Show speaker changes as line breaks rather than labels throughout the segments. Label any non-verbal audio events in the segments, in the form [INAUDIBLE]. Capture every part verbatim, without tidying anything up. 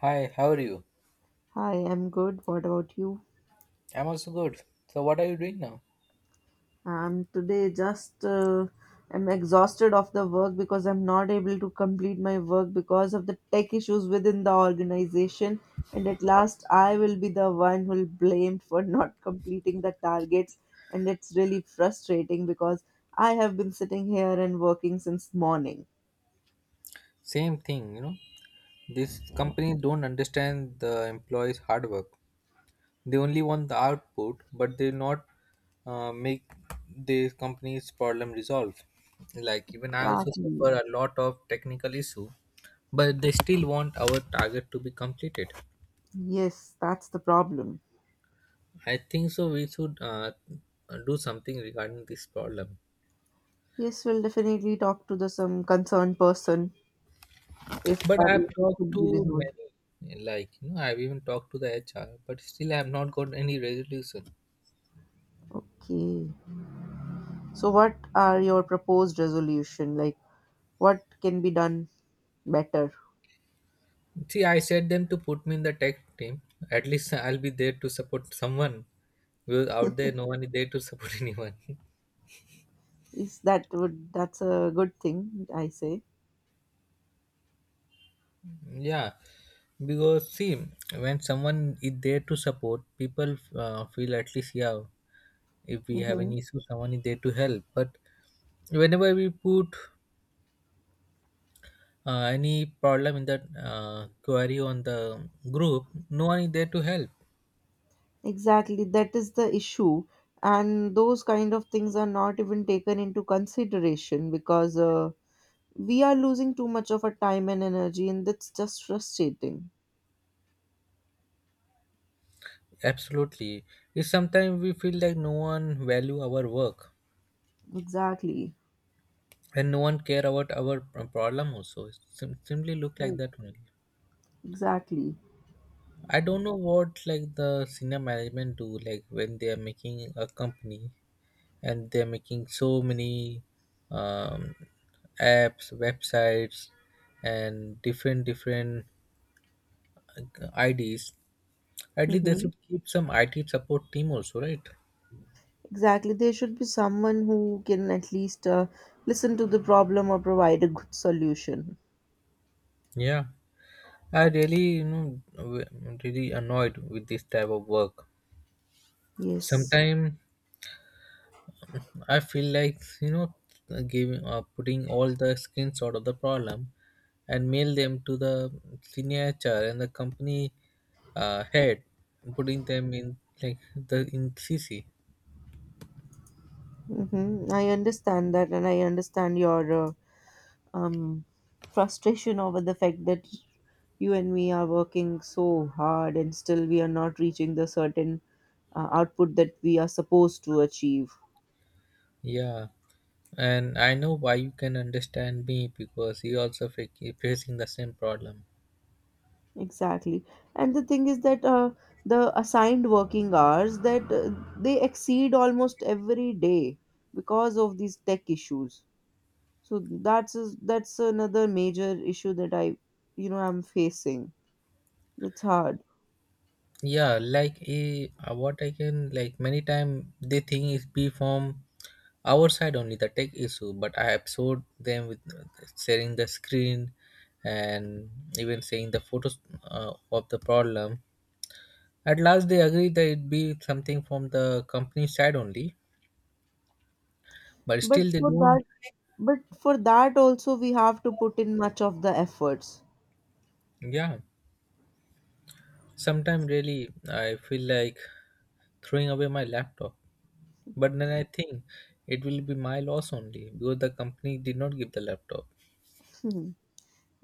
Hi, how are you?
Hi, I'm good. What about you?
I'm also good. So what are you doing now?
I'm today just uh, I'm exhausted of the work because I'm not able to complete my work because of the tech issues within the organization. And at last, I will be the one who will blamed [LAUGHS] for not completing the targets. And it's really frustrating because I have been sitting here and working since morning.
Same thing, you know. This company don't understand the employees' hard work. They only want the output, but they not uh, make the company's problem resolved. Like even I also
Exactly.
suffer a lot of technical issue, but they still want our target to be completed.
Yes, that's the problem.
I think so. We should uh, do something regarding this problem.
Yes, we'll definitely talk to the some concerned person if
But
our
I've
issue
talked
could be
to
resolved.
many, like, you know, I've even talked to the H R, but still I've not got any resolution.
Okay. So, what are your proposed resolution? Like, what can be done better?
See, I said them to put me in the tech team. At least [LAUGHS] I'll be there to support someone. Because out there, no one is there to support [LAUGHS] anyone.
Is that would that's a good thing? I say.
Yeah, because see, when someone is there to support, people uh, feel at least, yeah, if we have an
Mm-hmm.
issue, someone is there to help. But whenever we put uh, any problem in that uh, query on the group, no one is there to help.
Exactly. That is the issue, and those kind of things are not even taken into consideration because uh, we are losing too much of our time and energy, and that's just frustrating.
Absolutely, it's sometimes we feel like no one value our work,
Exactly.
and no one care about our p- problem also. It sim- simply look like
Mm.
that only.
Exactly.
I don't know what, like, the senior management do, like when they are making a company and they're making so many um, apps, websites, and different different uh, ids. At least they
Mm-hmm.
should keep some I T support team also, right?
Exactly. There should be someone who can at least uh, listen to the problem or provide a good solution.
Yeah, I really, you know, w- really annoyed with this type of work.
Yes.
Sometimes I feel like, you know, giving uh, putting all the screenshot of the problem and mail them to the senior H R and the company uh, head, putting them in like the in C C.
Mm-hmm. I understand that, and I understand your uh, um, frustration over the fact that you and me are working so hard and still we are not reaching the certain uh, output that we are supposed to achieve.
Yeah, and I know why you can understand me because you also fac- facing the same problem.
Exactly. And the thing is that uh, the assigned working hours that uh, they exceed almost every day because of these tech issues. So that's is that's another major issue that I, you know, I'm facing. That's hard.
Yeah, like, a what I can, like, many time they think is be from our side only, the tech issue, but I absorbed them with sharing the screen and even saying the photos uh, of the problem. At last they agree that it be something from the company side only, but
But
still they
for
don't.
that, but for that also we have to put in much of the efforts.
Yeah, sometimes really I feel like throwing away my laptop, but then I think it will be my loss only because the company did not give the laptop.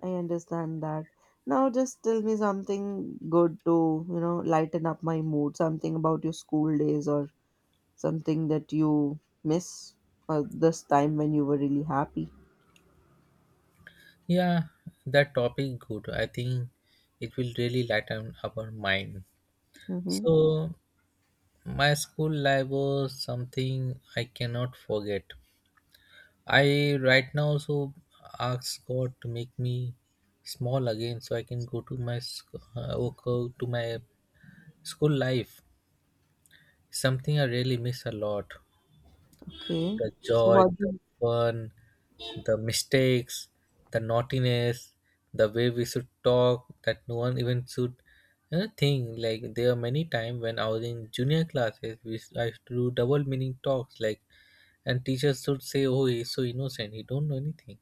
I understand that. Now just tell me something good to, you know, lighten up my mood, something about your school days or something that you miss uh, this time when you were really happy?
Yeah, that topic good. I think it will really lighten our mind.
Mm-hmm.
So my school life was something I cannot forget. I right now so ask God to make me small again so I can go to my sc- uh, go to my school life. Something I really miss a lot.
Okay.
The
So
joy,
what?
the
Do
fun, the mistakes, the naughtiness, the way we should talk that no one even should. Another thing, like there are many times when I was in junior classes, we s- I used to do double meaning talks, like, and teachers should say, "Oh, he's so innocent, he don't know anything."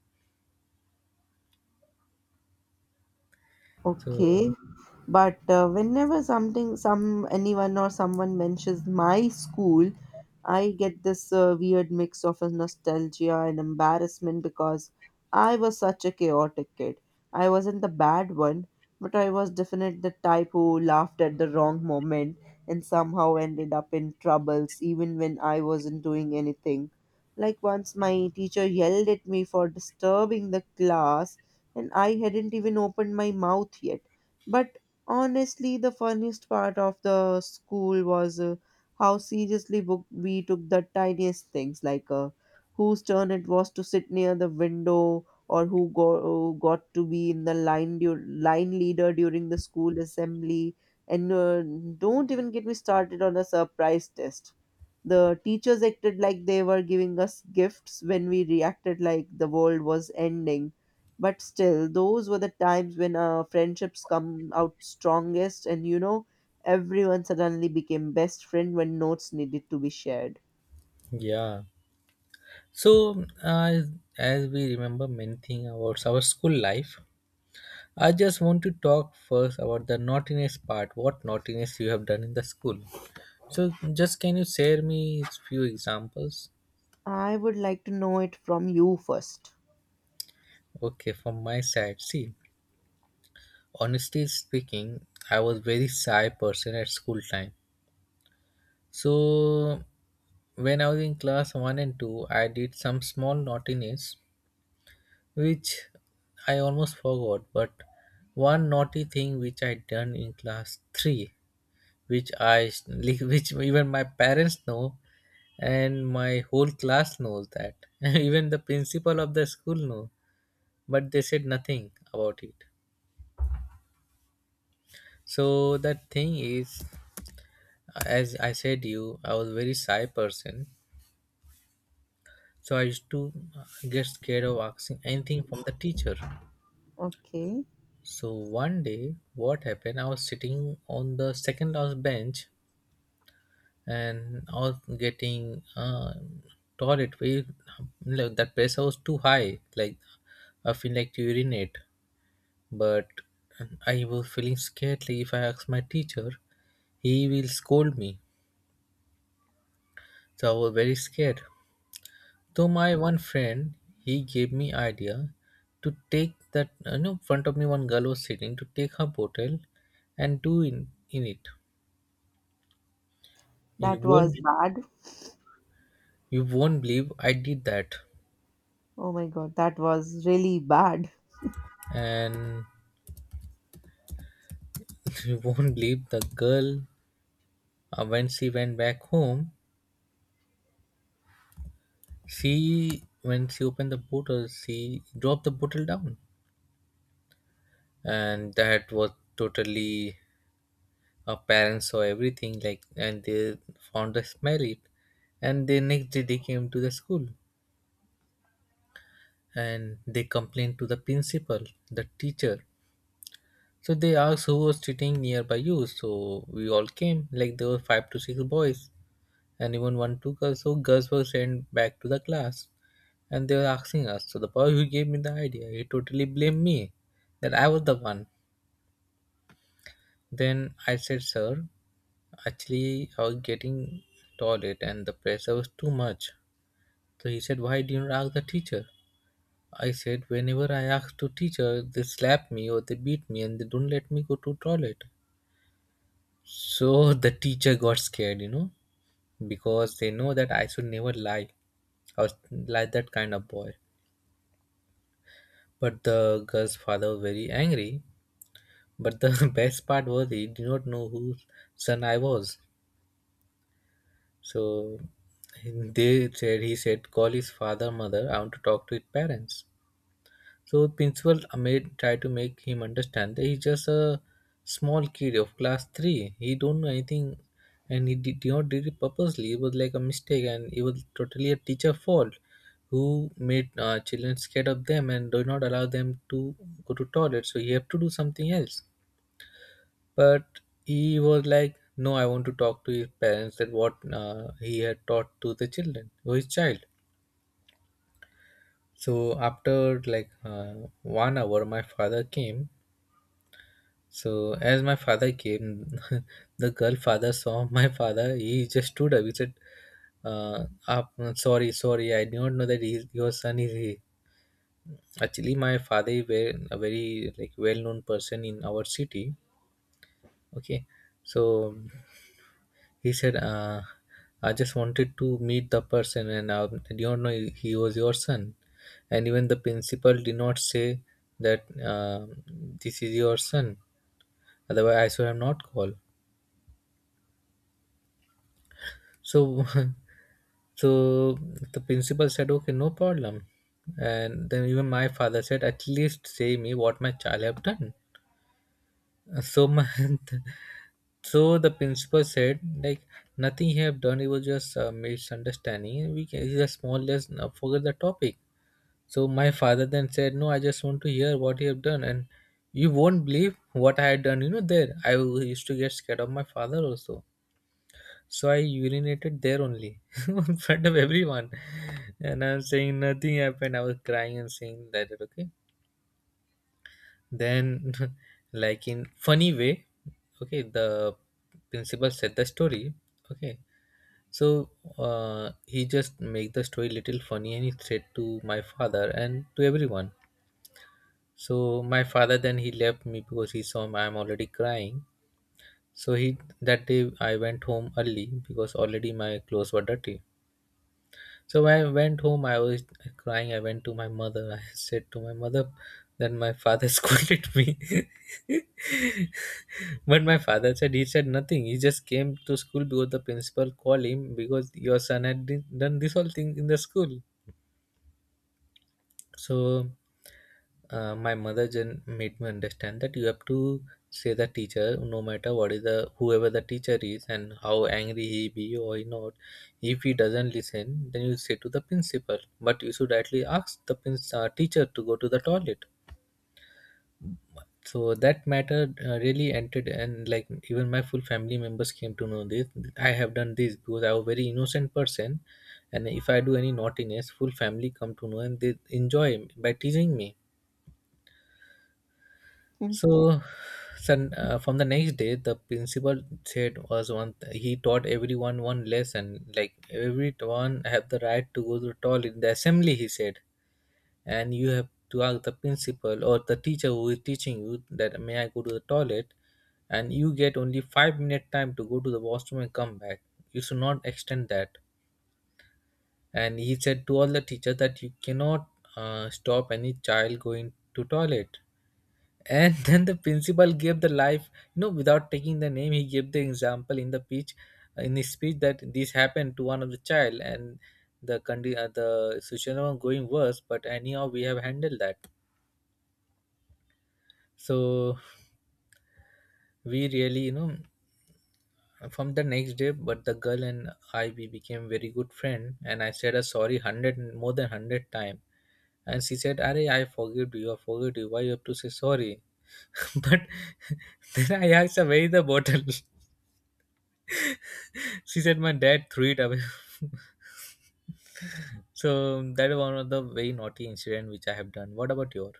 Okay,
So
but uh, whenever something, some anyone or someone mentions my school, I get this uh, weird mix of a nostalgia and embarrassment because I was such a chaotic kid. I wasn't the bad one, but I was definitely the type who laughed at the wrong moment and somehow ended up in troubles even when I wasn't doing anything. Like once my teacher yelled at me for disturbing the class and I hadn't even opened my mouth yet. But honestly, the funniest part of the school was uh, how seriously wo- we took the tiniest things, like uh, whose turn it was to sit near the window or who go- got to be in the line dur- line leader during the school assembly. And uh, don't even get me started on a surprise test. The teachers acted like they were giving us gifts when we reacted like the world was ending but still, those were the times when uh, friendships come out strongest, and you know, everyone suddenly became best friend when notes needed to be shared.
yeah. So as as we remember many things about our school life, I just want to talk first about the naughtiness part. What naughtiness you have done in the school? So, just can you share me few examples?
I would like to know it from you first.
Okay, from my side, see, honestly speaking, I was very shy person at school time. So, when I was in class one and two, I did some small naughtiness, which I almost forgot. But one naughty thing which I done in class three, which I [LAUGHS] which even my parents know, and my whole class knows that. [LAUGHS] Even the principal of the school know, but they said nothing about it. So that thing is, as I said you, I was very shy person, so I used to get scared of asking anything from the teacher.
Okay,
So one day, what happened, I was sitting on the second last bench, and I was getting uh, toilet. We, like, that pressure was too high, like I feel like to urinate, but I was feeling scared like if I ask my teacher, he will scold me. So I was very scared. Though my one friend, he gave me idea to take that, uh, you know, front of me one girl was sitting, to take her bottle and do in, in it. You
that was
won't,
bad.
you won't believe I did that.
Oh my god, that was really bad.
And [LAUGHS] you won't believe the girl, uh, when she went back home, she, when she opened the bottle, she dropped the bottle down. And that was totally, our parents saw everything, like, and they found us married. And the next day they came to the school, and they complained to the principal, the teacher. So they asked who was sitting nearby you. So we all came, like there were five to six boys, and even one two girls. So girls were sent back to the class, and they were asking us. So the boy who gave me the idea, he totally blamed me that I was the one. Then I said, "Sir, actually, I was getting toilet, and the pressure was too much." So he said, "Why didn't you ask the teacher?" I said, "Whenever I ask to teacher, they slap me or they beat me and they don't let me go to toilet." So [LAUGHS] the teacher got scared, you know, because they know that I should never lie. I was like that kind of boy. But the girl's father was very angry. But the [LAUGHS] best part was he did not know whose son I was. So they said, he said, "Call his father, mother. I want to talk to his parents." So principal Ahmed tried to make him understand that he's just a small kid of class three. He don't know anything, and he did not did it purposely. It was like a mistake, and it was totally a teacher fault, who made uh, children scared of them and do not allow them to go to toilet. So he have to do something else, but he was like, "No, I want to talk to his parents, that what uh, he had taught to the children, to his child." So after like uh, one hour, my father came. So as my father came, [LAUGHS] the girl father saw [LAUGHS] my father, he just stood up, he said, uh, up, uh, "Sorry, sorry, I did not know that he, your son is here." Actually my father is very, a very, like, well known person in our city. Okay. So he said, uh, "I just wanted to meet the person, and I did not know he was your son. And even the principal did not say that uh, this is your son, otherwise I should have not called." So [LAUGHS] so the principal said, "Okay, no problem." And then even my father said, "At least say me what my child have done." So my [LAUGHS] so the principal said, like, "Nothing he have done. It was just a misunderstanding. We can, it's just more or less now, forget the topic." So my father then said, "No, I just want to hear what you have done," and you won't believe what I had done. You know, there I used to get scared of my father also. So I urinated there only [LAUGHS] in front of everyone, and I'm saying nothing happened. I was crying and saying that okay. Then, [LAUGHS] like, in funny way, okay, the principal said the story. Okay, so uh, he just make the story little funny and he said to my father and to everyone. So my father then he left me because he saw I'm already crying. So he, that day I went home early because already my clothes were dirty. So when I went home, I was crying. I went to my mother. [LAUGHS] I said to my mother, then my father [LAUGHS] scolded me. [LAUGHS] But my father said he said nothing. He just came to school because the principal called him because your son had di- done this whole thing in the school. So uh, my mother then made me understand that you have to say the teacher no matter what is the whoever the teacher is and how angry he be or he not. If he doesn't listen, then you say to the principal. But you should actually ask the prin- uh, teacher to go to the toilet. So that matter uh, really entered, and like even my full family members came to know this I have done this because I was very innocent person, and if I do any naughtiness, full family come to know and they enjoy by teasing me.
[LAUGHS]
So son, uh, from the next day, the principal said was one, he taught everyone one lesson, like everyone have the right to go to the toilet. In the assembly he said, and you have to ask the principal or the teacher who is teaching you that, "May I go to the toilet?" And you get only five minute time to go to the washroom and come back. You should not extend that. And he said to all the teachers that you cannot uh, stop any child going to toilet. And [LAUGHS] then the principal gave the life, you know, without taking the name, he gave the example in the speech, in his speech that this happened to one of the child and the condi- uh, the situation was going worse. But anyhow, we have handled that. So we really, you know, from the next day, but the girl and I, we became very good friend, and I said a sorry one hundred, more than one hundred time. And she said, "Arey, I forgive you, I forgive you, why you have to say sorry?" [LAUGHS] But then I asked her, where is the bottle? [LAUGHS] She said, my dad threw it away. [LAUGHS] So that is one of the very naughty incident which I have done. What about your—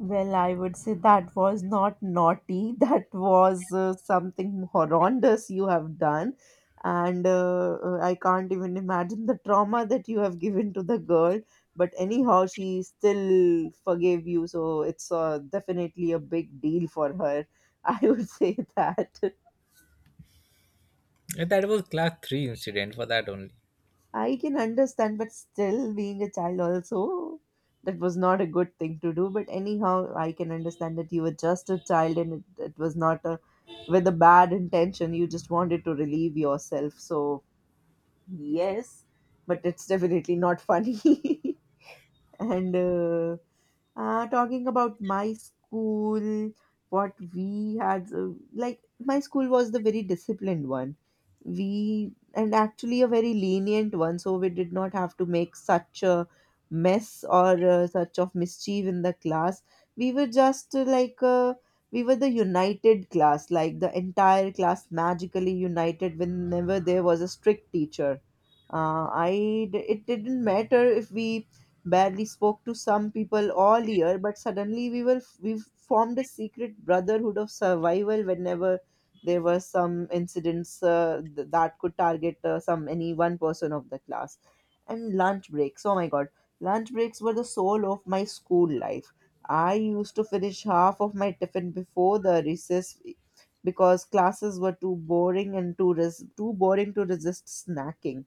Well, I would say that was not naughty. [LAUGHS] That was uh, something horrendous you have done. And uh, uh, I can't even imagine the trauma that you have given to the girl. But anyhow, she still forgave you. So it's uh, definitely a big deal for her. [LAUGHS] I would say that.
that was class three incident, for that only.
I can understand, but still, being a child, also, that was not a good thing to do. But anyhow, I can understand that you were just a child and it, it was not a, with a bad intention. You just wanted to relieve yourself. So, yes, but it's definitely not funny. [LAUGHS] and uh, uh, Talking about my school, what we had, uh, like my school was the very disciplined one. We, and actually a very lenient one, so we did not have to make such a mess or uh, such of mischief in the class. We were just uh, like, uh, we were the united class, like the entire class magically united whenever there was a strict teacher. Uh, I, d- it didn't matter if we barely spoke to some people all year, but suddenly we were we formed a secret brotherhood of survival whenever there were some incidents uh, th- that could target uh, some any one person of the class. And lunch breaks, oh my god, lunch breaks were the soul of my school life. I used to finish half of my tiffin before the recess e, because classes were too boring and too res- too boring to resist snacking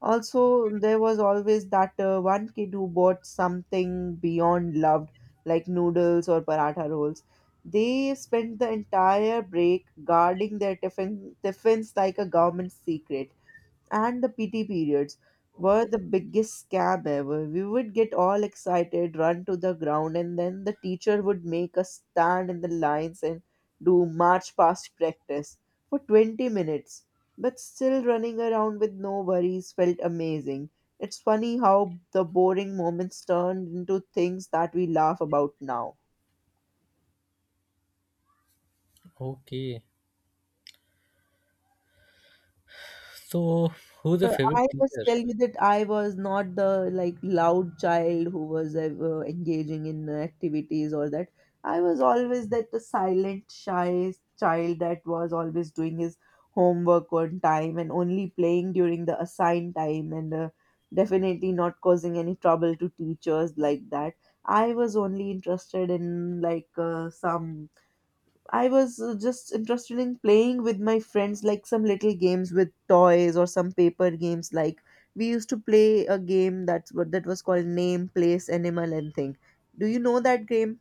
also, there was always that uh, one kid who bought something beyond loved, like noodles or paratha rolls. They spent the entire break guarding their tiffin, tiffins like a government secret and the P T periods were the biggest scam ever. We would get all excited, run to the ground, and then the teacher would make us stand in the lines and do march past practice for twenty minutes. But still running around with no worries felt amazing. It's funny how the boring moments turned into things that we laugh about now.
Okay, so who's the
I
favorite
must
teacher?
tell you that I was not the like loud child who was uh, uh, engaging in activities or that. I was always that the silent, shy child that was always doing his homework on time and only playing during the assigned time and uh, definitely not causing any trouble to teachers like that. I was only interested in like uh, some I was uh, just interested in playing with my friends, like some little games with toys or some paper games. Like we used to play a game that's what that was called name, place, animal, and thing. Do you know that game?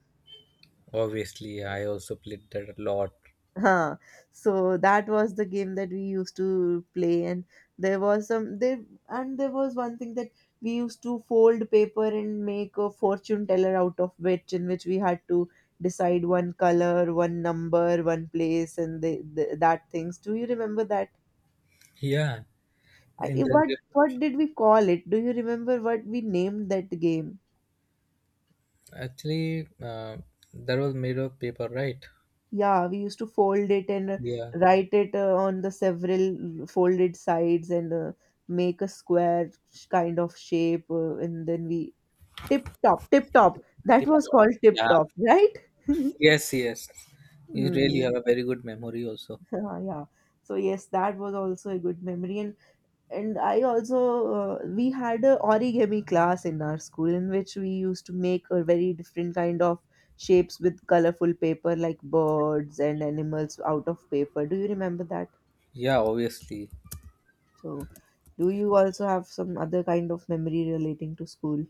Obviously, I also played that a lot.
Huh. So that was the game that we used to play, and there was some there and there was one thing that we used to fold paper and make a fortune teller out of which, in which we had to decide one color, one number, one place, and the, the that things. Do you remember that?
Yeah,
I,
in the—
what what did we call it? Do you remember what we named that game?
actually, uh, that was made of paper, right?
Yeah, we used to fold it and uh,
Yeah.
write it uh, on the several folded sides and uh, make a square sh- kind of shape. Uh, and then we tip top, tip top. That
Tip—
was called tip
yeah.
top, right? [LAUGHS]
Yes, yes. You really
Mm.
have a very good memory, also.
Ah, yeah. So yes, that was also a good memory, and and I also uh, we had a origami class in our school in which we used to make a very different kind of shapes with colorful paper like birds and animals out of paper. Do you remember that?
Yeah, obviously.
So, do you also have some other kind of memory relating to school?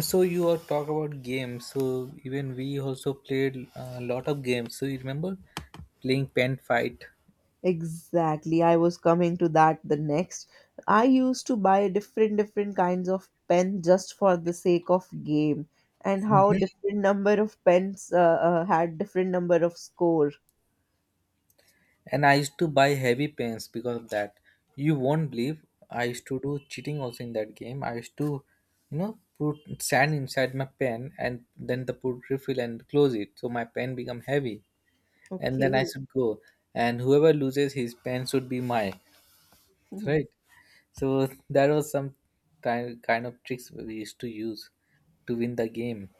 So you all talk about games. So even we also played a lot of games. So you remember playing pen fight?
Exactly. I was coming to that the next. I used to buy different different kinds of pen just for the sake of game and how
Yeah.
different number of pens uh, uh, had different number of score.
And I used to buy heavy pens because of that. You won't believe, I used to do cheating also in that game. I used to, you know, put sand inside my pen and then the put refill and close it. So my pen become heavy. And then I
Okay.
should go. And whoever loses his pen should be my— right.
[LAUGHS]
So that was some time kind of tricks we used to use to win the game.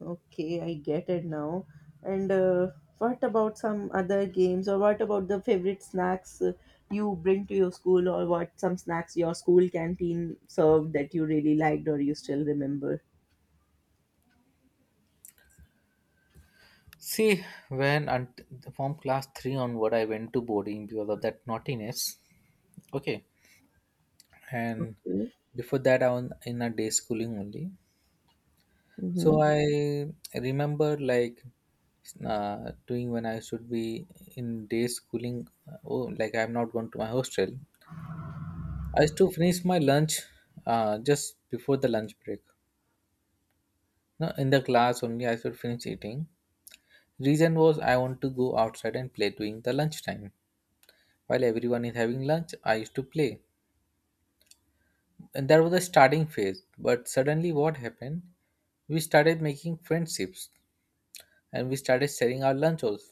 Okay, I get it now. And uh, what about some other games, or what about the favorite snacks uh, you bring to your school, or what some snacks your school canteen served that you really liked or you still remember?
See, when unt- from class three onward, I went to boarding because of that naughtiness. Okay, and before that I was in a day schooling only. So
Mm-hmm.
I remember like, uh, doing when I should be in day schooling, uh, oh, like I'm not going to my hostel, I used to finish my lunch uh, just before the lunch break. No, in the class only I should finish eating. Reason was, I want to go outside and play during the lunch time. While everyone is having lunch, I used to play. And that was the starting phase, but suddenly what happened, we started making friendships, and we started sharing our lunch also.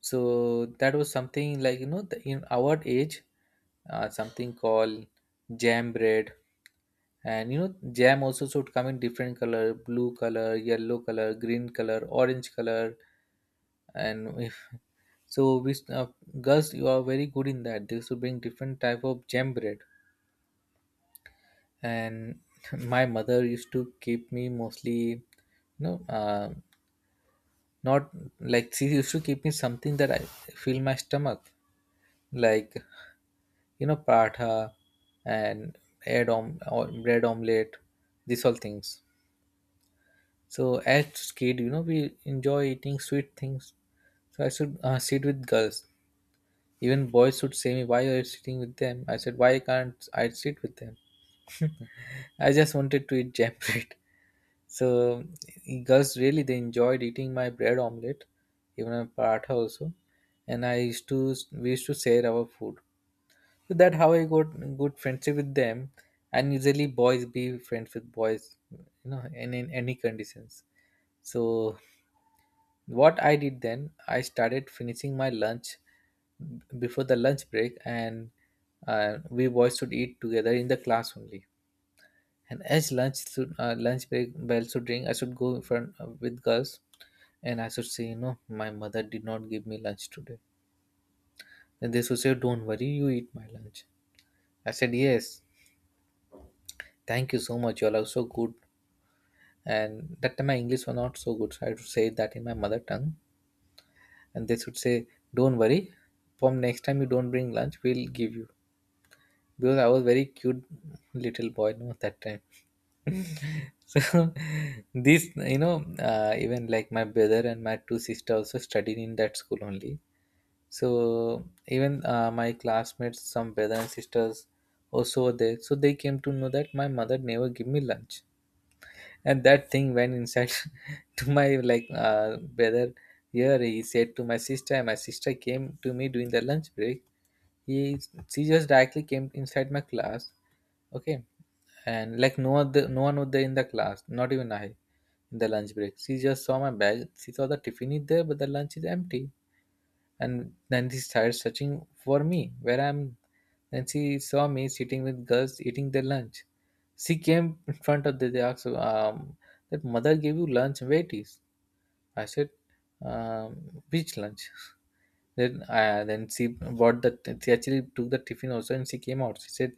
So that was something like, you know, the, in our age, uh, something called jam bread, and you know jam also should come in different color: blue color, yellow color, green color, orange color, and if [LAUGHS] so, we uh, girls, you are very good in that. They used to bring different type of jam bread, and [LAUGHS] my mother used to keep me mostly, you know, uh, not like she used to keep me something that I fill my stomach, like, you know, paratha and egg om- or bread omelette, these all things. So as kid, you know, we enjoy eating sweet things. So I should uh, sit with girls. Even boys should say me, "Why are you sitting with them?" I said, "Why can't I sit with them?" I just wanted to eat jam [LAUGHS] bread. So girls really they enjoyed eating my bread omelette, even a paratha also. And I used to we used to share our food. So that how I got good friendship with them. And usually boys be friends with boys, you know, in, in any conditions. So what I did then, I started finishing my lunch before the lunch break, and uh, we boys should eat together in the class only, and as lunch should, uh, lunch break bell should ring, I should go in front uh, with girls, and I should say, you know, my mother did not give me lunch today. And they should say, don't worry, you eat my lunch. I said, yes, thank you so much. You all are so good. And that time my English was not so good, so I had to say that in my mother tongue. And they should say, don't worry, from next time you don't bring lunch, we'll give you. Because I was very cute little boy, you no, that time. So [LAUGHS] this, you know, uh, even like my brother and my two sisters also studied in that school only. So even, uh, my classmates some brother and sisters also were there, so they came to know that my mother never give me lunch, and that thing went inside [LAUGHS] to my like, uh, brother here, he said to my sister, and my sister came to me during the lunch break. He She just directly came inside my class. Okay, and like no other, no one was there in the class, not even I, in the lunch break. She just saw my bag. She saw the tiffin is there, but the lunch is empty. And then she started searching for me, where I'm. Then she saw me sitting with girls eating their lunch. She came in front of the— they asked, um, that mother gave you lunch. Where it is? I said, um, which lunch? Then, uh, then she bought the— she actually took the tiffin also, and she came out. She said,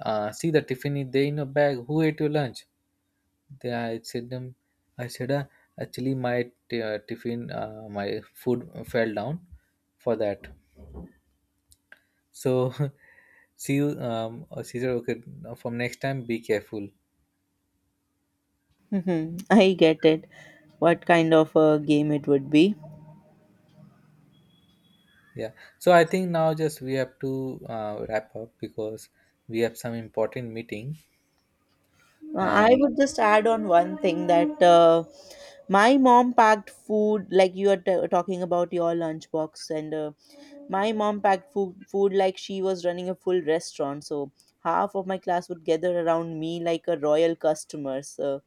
uh, see, the tiffin is there in your bag. Who ate your lunch? They, I said them, I said, uh, actually my t- uh, tiffin, uh, my food fell down for that. So [LAUGHS] see you. Um, uh, she said, okay, now from next time, be careful.
Mm-hmm. I get it. What kind of a game it would be?
Yeah. So I think now just we have to uh, wrap up because we have some important meeting.
Uh, I
And
would just add on one thing that uh, my mom packed food, like you are t- talking about your lunchbox and uh, my mom packed food, food like she was running a full restaurant, so half of my class would gather around me like a royal customers. Uh,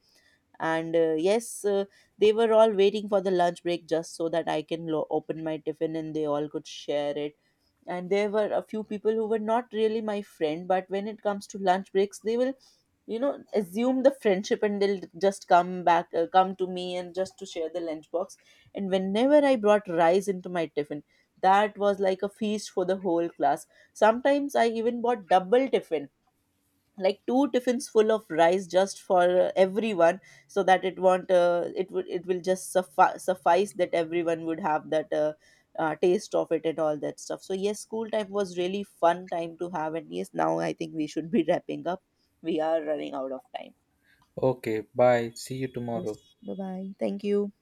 and uh, yes, uh, they were all waiting for the lunch break just so that I can lo- open my tiffin and they all could share it. And there were a few people who were not really my friend, but when it comes to lunch breaks, they will you know assume the friendship and they'll just come back uh, come to me and just to share the lunchbox and whenever I brought rice into my tiffin that was like a feast for the whole class. Sometimes I even bought double tiffin, like two tiffins full of rice just for uh, everyone, so that it won't uh, it would it will just suffi- suffice that everyone would have that uh, uh, taste of it and all that stuff. So yes, school time was really fun time to have, and yes, now I think we should be [LAUGHS] wrapping up. We are running out of time.
okay, bye. See you
Yes.
tomorrow.
Bye bye. Thank you.